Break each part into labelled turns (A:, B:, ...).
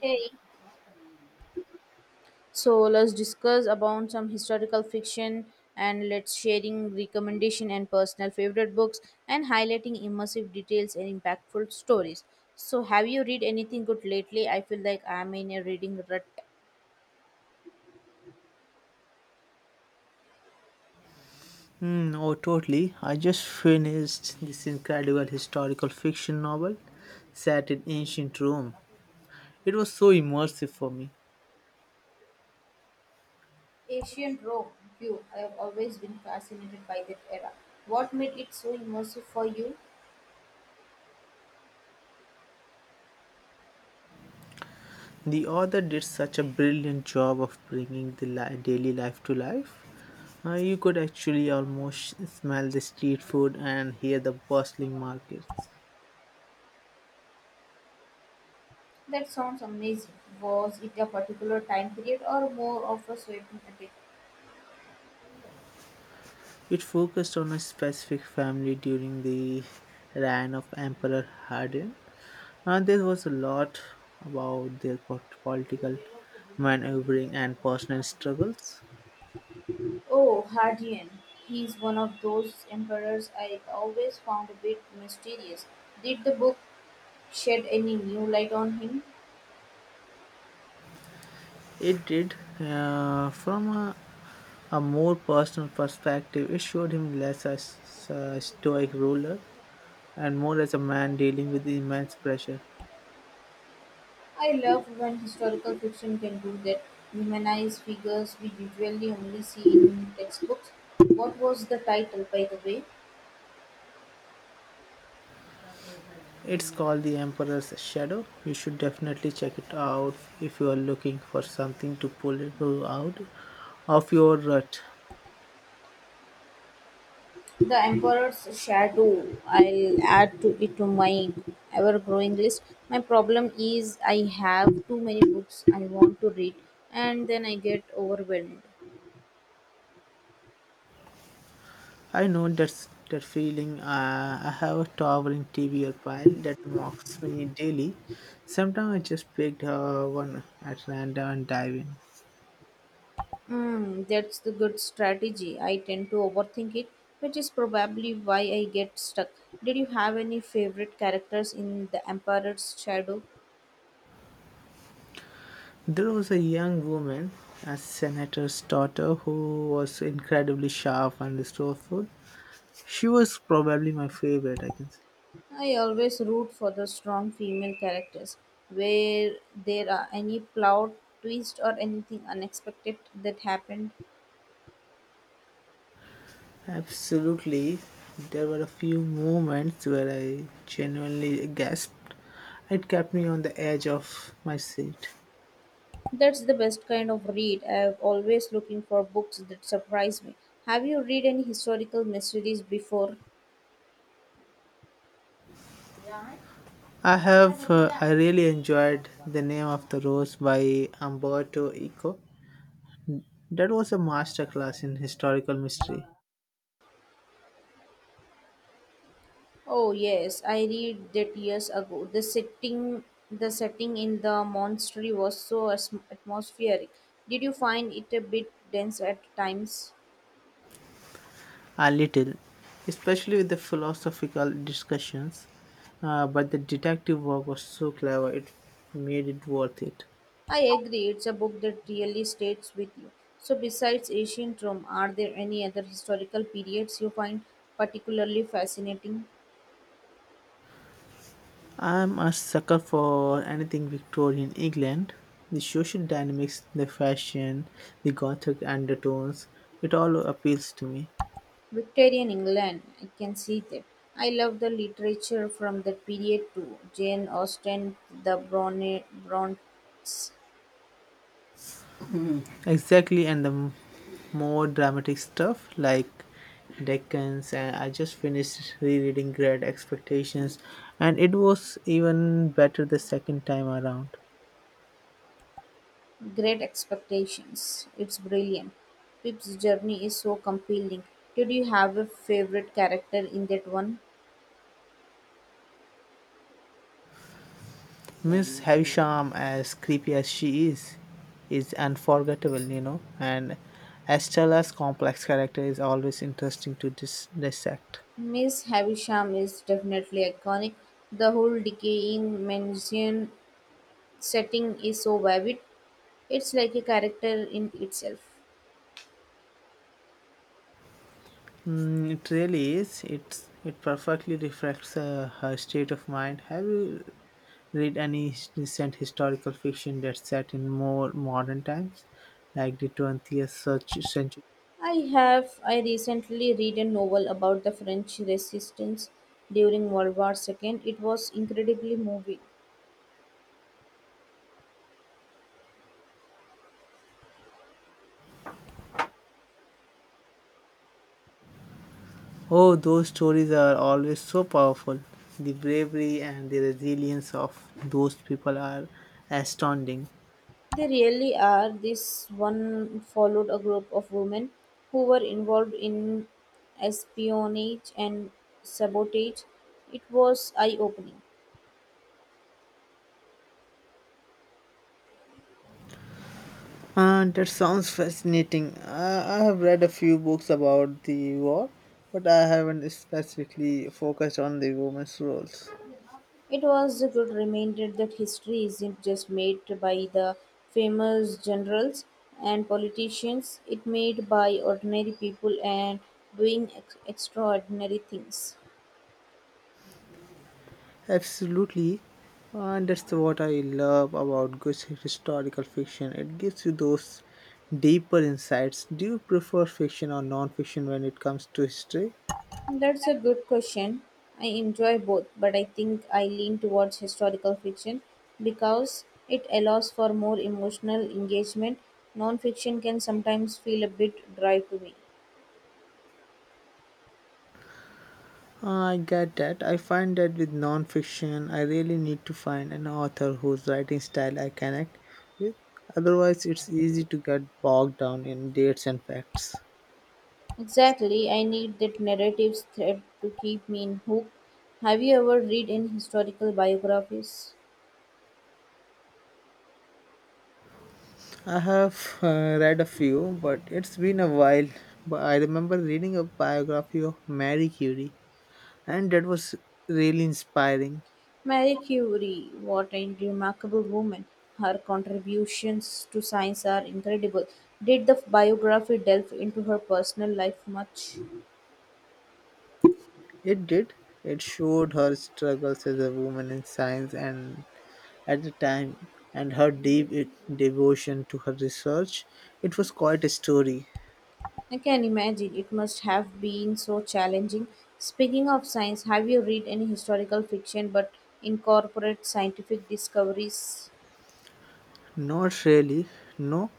A: Hey, so let's discuss about some historical fiction and let's sharing recommendation and personal favorite books and highlighting immersive details and impactful stories. So have you read anything good lately? I feel like I'm in a reading rut.
B: Hmm, oh, totally. I just finished this incredible historical fiction novel set in ancient Rome. It was so immersive for me.
A: Ancient Rome. You, I have always been fascinated by that era. What made it so immersive for you?
B: The author did such a brilliant job of bringing the daily life to life. You could actually almost smell the street food and hear the bustling markets.
A: That sounds amazing. Was it a particular time period or more of a sweeping epic?
B: It focused on a specific family during the reign of Emperor Hadrian. And there was a lot about their political maneuvering and personal struggles.
A: Oh, Hadrian. He's one of those emperors I always found a bit mysterious. Did the book shed any new light on him?
B: It did, from a more personal perspective. It showed him less as a stoic ruler and more as a man dealing with immense pressure.
A: I love when historical fiction can do that, humanize figures we usually only see in textbooks. What was the title, by the way?
B: It's called The Emperor's Shadow. You should definitely check it out if you are looking for something to pull you out of your rut.
A: The Emperor's Shadow. I'll add to it to my ever growing list. My problem is I have too many books I want to read, and then I get overwhelmed.
B: I know that feeling. I have a towering TBR pile that mocks me daily. Sometimes I just pick one at random and dive in.
A: Hmm, that's the good strategy. I tend to overthink it, which is probably why I get stuck. Did you have any favorite characters in The Emperor's Shadow?
B: There was a young woman, a senator's daughter, who was incredibly sharp and resourceful. She was probably my favorite, I can say.
A: I always root for the strong female characters. Where there are any plot twist or anything unexpected that happened,
B: Absolutely. There were a few moments where I genuinely gasped. It kept me on the edge of my seat.
A: that's the best kind of read. I'm always looking for books that surprise me. Have you read any historical mysteries before?
B: I have, I really enjoyed The Name of the Rose by Umberto Eco. That was a masterclass in historical mystery.
A: Oh yes, I read that years ago. The setting in the monastery was so atmospheric. Did you find it a bit dense at times?
B: A little, especially with the philosophical discussions, but the detective work was so clever it made it worth it.
A: I agree. It's a book that really stays with you. So, besides ancient Rome, are there any other historical periods you find particularly fascinating?
B: I'm a sucker for anything Victorian England. The social dynamics, the fashion, the gothic undertones, it all appeals to me.
A: Victorian England, I can see that. I love the literature from that period too. Jane Austen, the Bronte.
B: Exactly, and the more dramatic stuff like Dickens, and I just finished rereading Great Expectations, and it was even better the second time around.
A: Great Expectations. It's brilliant. Pip's journey is so compelling. Did you have a favorite character in that one?
B: Miss Havisham, as creepy as she is unforgettable, and Estella's complex character is always interesting to dissect.
A: Miss Havisham is definitely iconic. The whole decaying mansion setting is so vivid. It's like a character in itself.
B: Mm, it really is. It perfectly reflects her state of mind. Have you read any recent historical fiction that's set in more modern times, like the twentieth century?
A: I recently read a novel about the French resistance during World War II. It was incredibly moving.
B: Oh, those stories are always so powerful. The bravery and the resilience of those people are astounding.
A: They really are. This one followed a group of women who were involved in espionage and sabotage. It was eye opening.
B: That sounds fascinating. I have read a few books about the war, but I haven't specifically focused on the women's roles.
A: It was a good reminder that history isn't just made by the famous generals and politicians, it's made by ordinary people and doing extraordinary things.
B: Absolutely, and that's what I love about good historical fiction. It gives you those deeper insights. Do you prefer fiction or non fiction when it comes to history?
A: That's a good question. I enjoy both, but I think I lean towards historical fiction because it allows for more emotional engagement. Non-fiction can sometimes feel a bit dry to me.
B: I get that. I find that with nonfiction, I really need to find an author whose writing style I connect with. Otherwise, it's easy to get bogged down in dates and facts.
A: Exactly, I need that narrative thread to keep me in hook. Have you ever read any historical biographies?
B: I have read a few, but it's been a while. But I remember reading a biography of Marie Curie, and that was really inspiring.
A: Marie Curie, what a remarkable woman. Her contributions to science are incredible. Did the biography delve into her personal life much?
B: It did. It showed her struggles as a woman in science and at the time and her deep devotion to her research. It was quite a story.
A: I can imagine it must have been so challenging. Speaking of science, have you read any historical fiction but incorporate scientific discoveries?
B: Not really. No.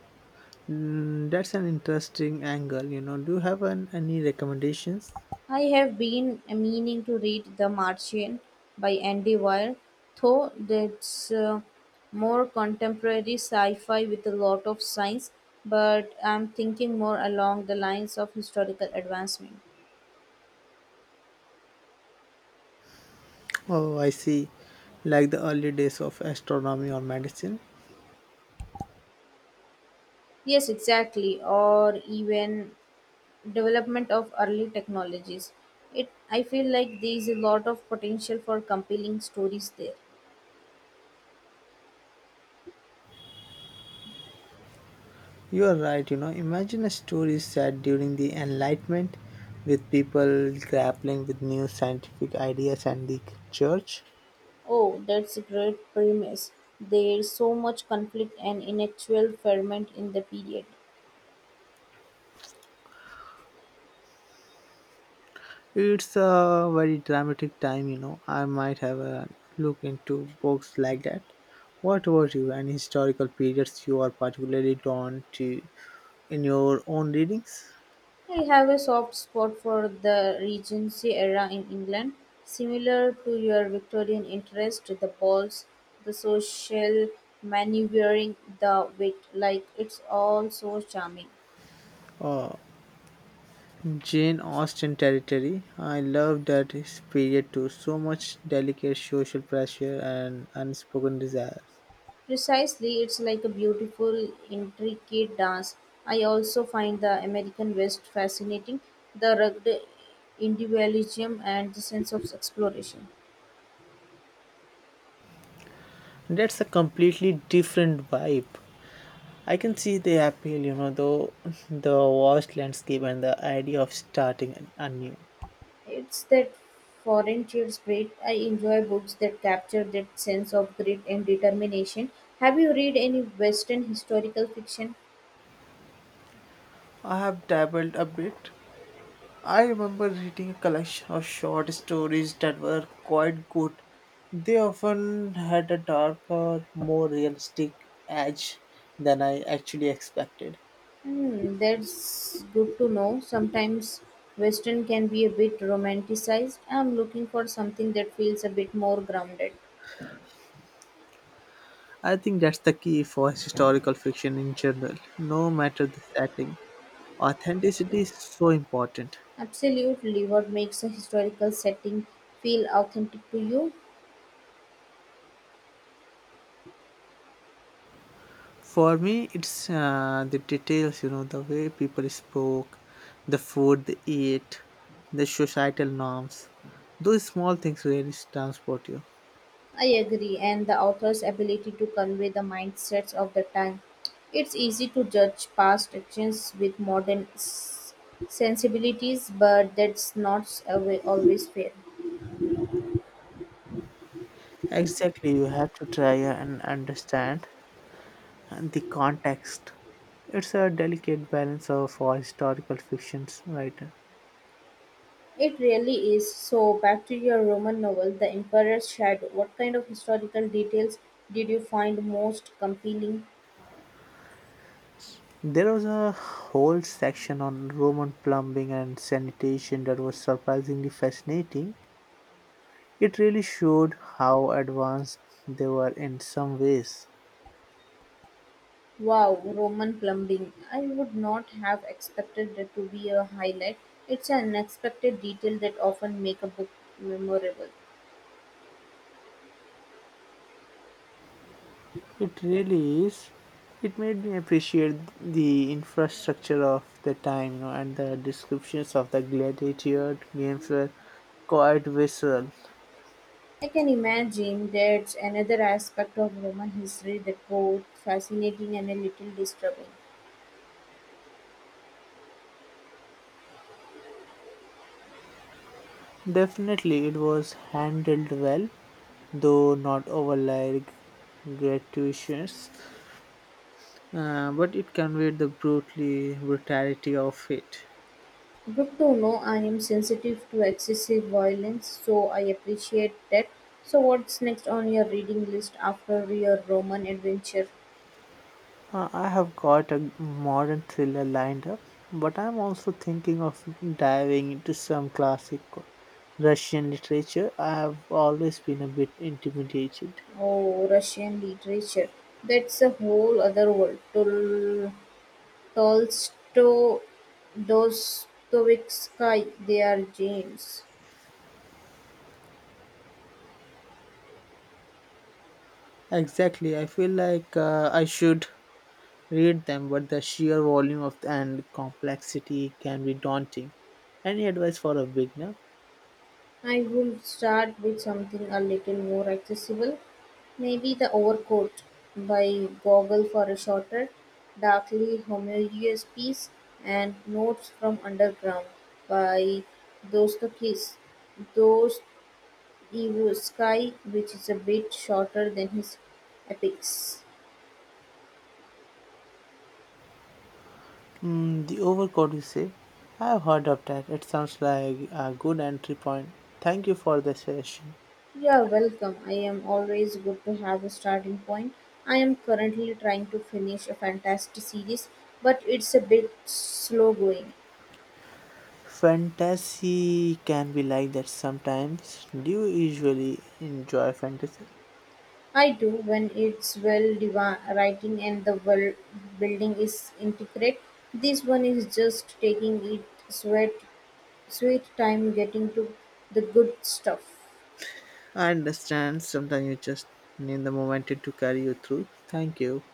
B: Mm, that's an interesting angle. Do you have any recommendations?
A: I have been meaning to read The Martian by Andy Weir, though that's more contemporary sci-fi with a lot of science, but I'm thinking more along the lines of historical advancement.
B: Oh, I see. Like the early days of astronomy or medicine.
A: Yes, exactly, or even development of early technologies. It I feel like there is a lot of potential for compelling stories there.
B: You are right. You know, imagine a story set during the Enlightenment with people grappling with new scientific ideas and the church.
A: Oh, that's a great premise. There's so much conflict and intellectual ferment in the period.
B: It's a very dramatic time, you know. I might have a look into books like that. What about you? Any historical periods you are particularly drawn to in your own readings?
A: I have a soft spot for the Regency era in England, similar to your Victorian interest, the balls, the social maneuvering, the wit, like it's all so charming.
B: Oh, Jane Austen territory. I love that his period too. So much delicate social pressure and unspoken desires.
A: Precisely, it's like a beautiful, intricate dance. I also find the American West fascinating, the rugged individualism and the sense of exploration.
B: That's a completely different vibe. I can see the appeal, you know, though the vast landscape and the idea of starting anew.
A: It's that foreign chill spirit. I enjoy books that capture that sense of grit and determination. Have you read any Western historical fiction?
B: I have dabbled a bit. I remember reading a collection of short stories that were quite good. They often had a darker, more realistic edge than I actually expected.
A: Hmm, that's good to know. Sometimes Western can be a bit romanticized. I'm looking for something that feels a bit more grounded.
B: I think that's the key for historical fiction in general, no matter the setting. Authenticity is so important.
A: Absolutely, what makes a historical setting feel authentic to you?
B: For me, it's the details, you know, the way people spoke, the food they ate, the societal norms. Those small things really transport you.
A: I agree, and the author's ability to convey the mindsets of the time. It's easy to judge past actions with modern sensibilities, but that's not always fair.
B: Exactly, you have to try and understand the context. It's a delicate balance of for historical fictions writer.
A: It really is. So, back to your Roman novel, The Emperor's Shadow. What kind of historical details did you find most compelling?
B: There was a whole section on Roman plumbing and sanitation that was surprisingly fascinating. It really showed how advanced they were in some ways.
A: Wow, Roman plumbing. I would not have expected it to be a highlight. It's an unexpected detail that often make a book memorable.
B: It really is. It made me appreciate the infrastructure of the time, you know, and the descriptions of the gladiator games were quite visceral.
A: I can imagine there's another aspect of Roman history that both fascinating and a little disturbing.
B: Definitely, it was handled well, though not overly gratuitous. But it conveyed the brutally brutality of it.
A: Good to know I am sensitive to excessive violence, so I appreciate that. So what's next on your reading list after your Roman adventure?
B: I have got a modern thriller lined up, but I'm also thinking of diving into some classic Russian literature. I have always been a bit intimidated.
A: Oh, Russian literature. That's a whole other world. Tolstoy, Dostoevsky, they are gems.
B: Exactly, I feel like I should read them, but the sheer volume of and complexity can be daunting. Any advice for a beginner?
A: I would start with something a little more accessible. Maybe The Overcoat by Gogol for a shorter, darkly homogeneous piece, and Notes from Underground by Dostoevsky. Dostoevsky, which is a bit shorter than his epics.
B: Mm, the overcoat, you say? I have heard of that. It sounds like a good entry point. Thank you for the suggestion.
A: You're welcome. I am always good to have a starting point. I am currently trying to finish a fantastic series, but it's a bit slow going.
B: Fantasy can be like that sometimes. Do you usually enjoy fantasy?
A: I do when it's writing and the world building is intricate. This one is just taking it sweat sweet time getting to the good stuff.
B: I understand sometimes you just need the momentum to carry you through. Thank you.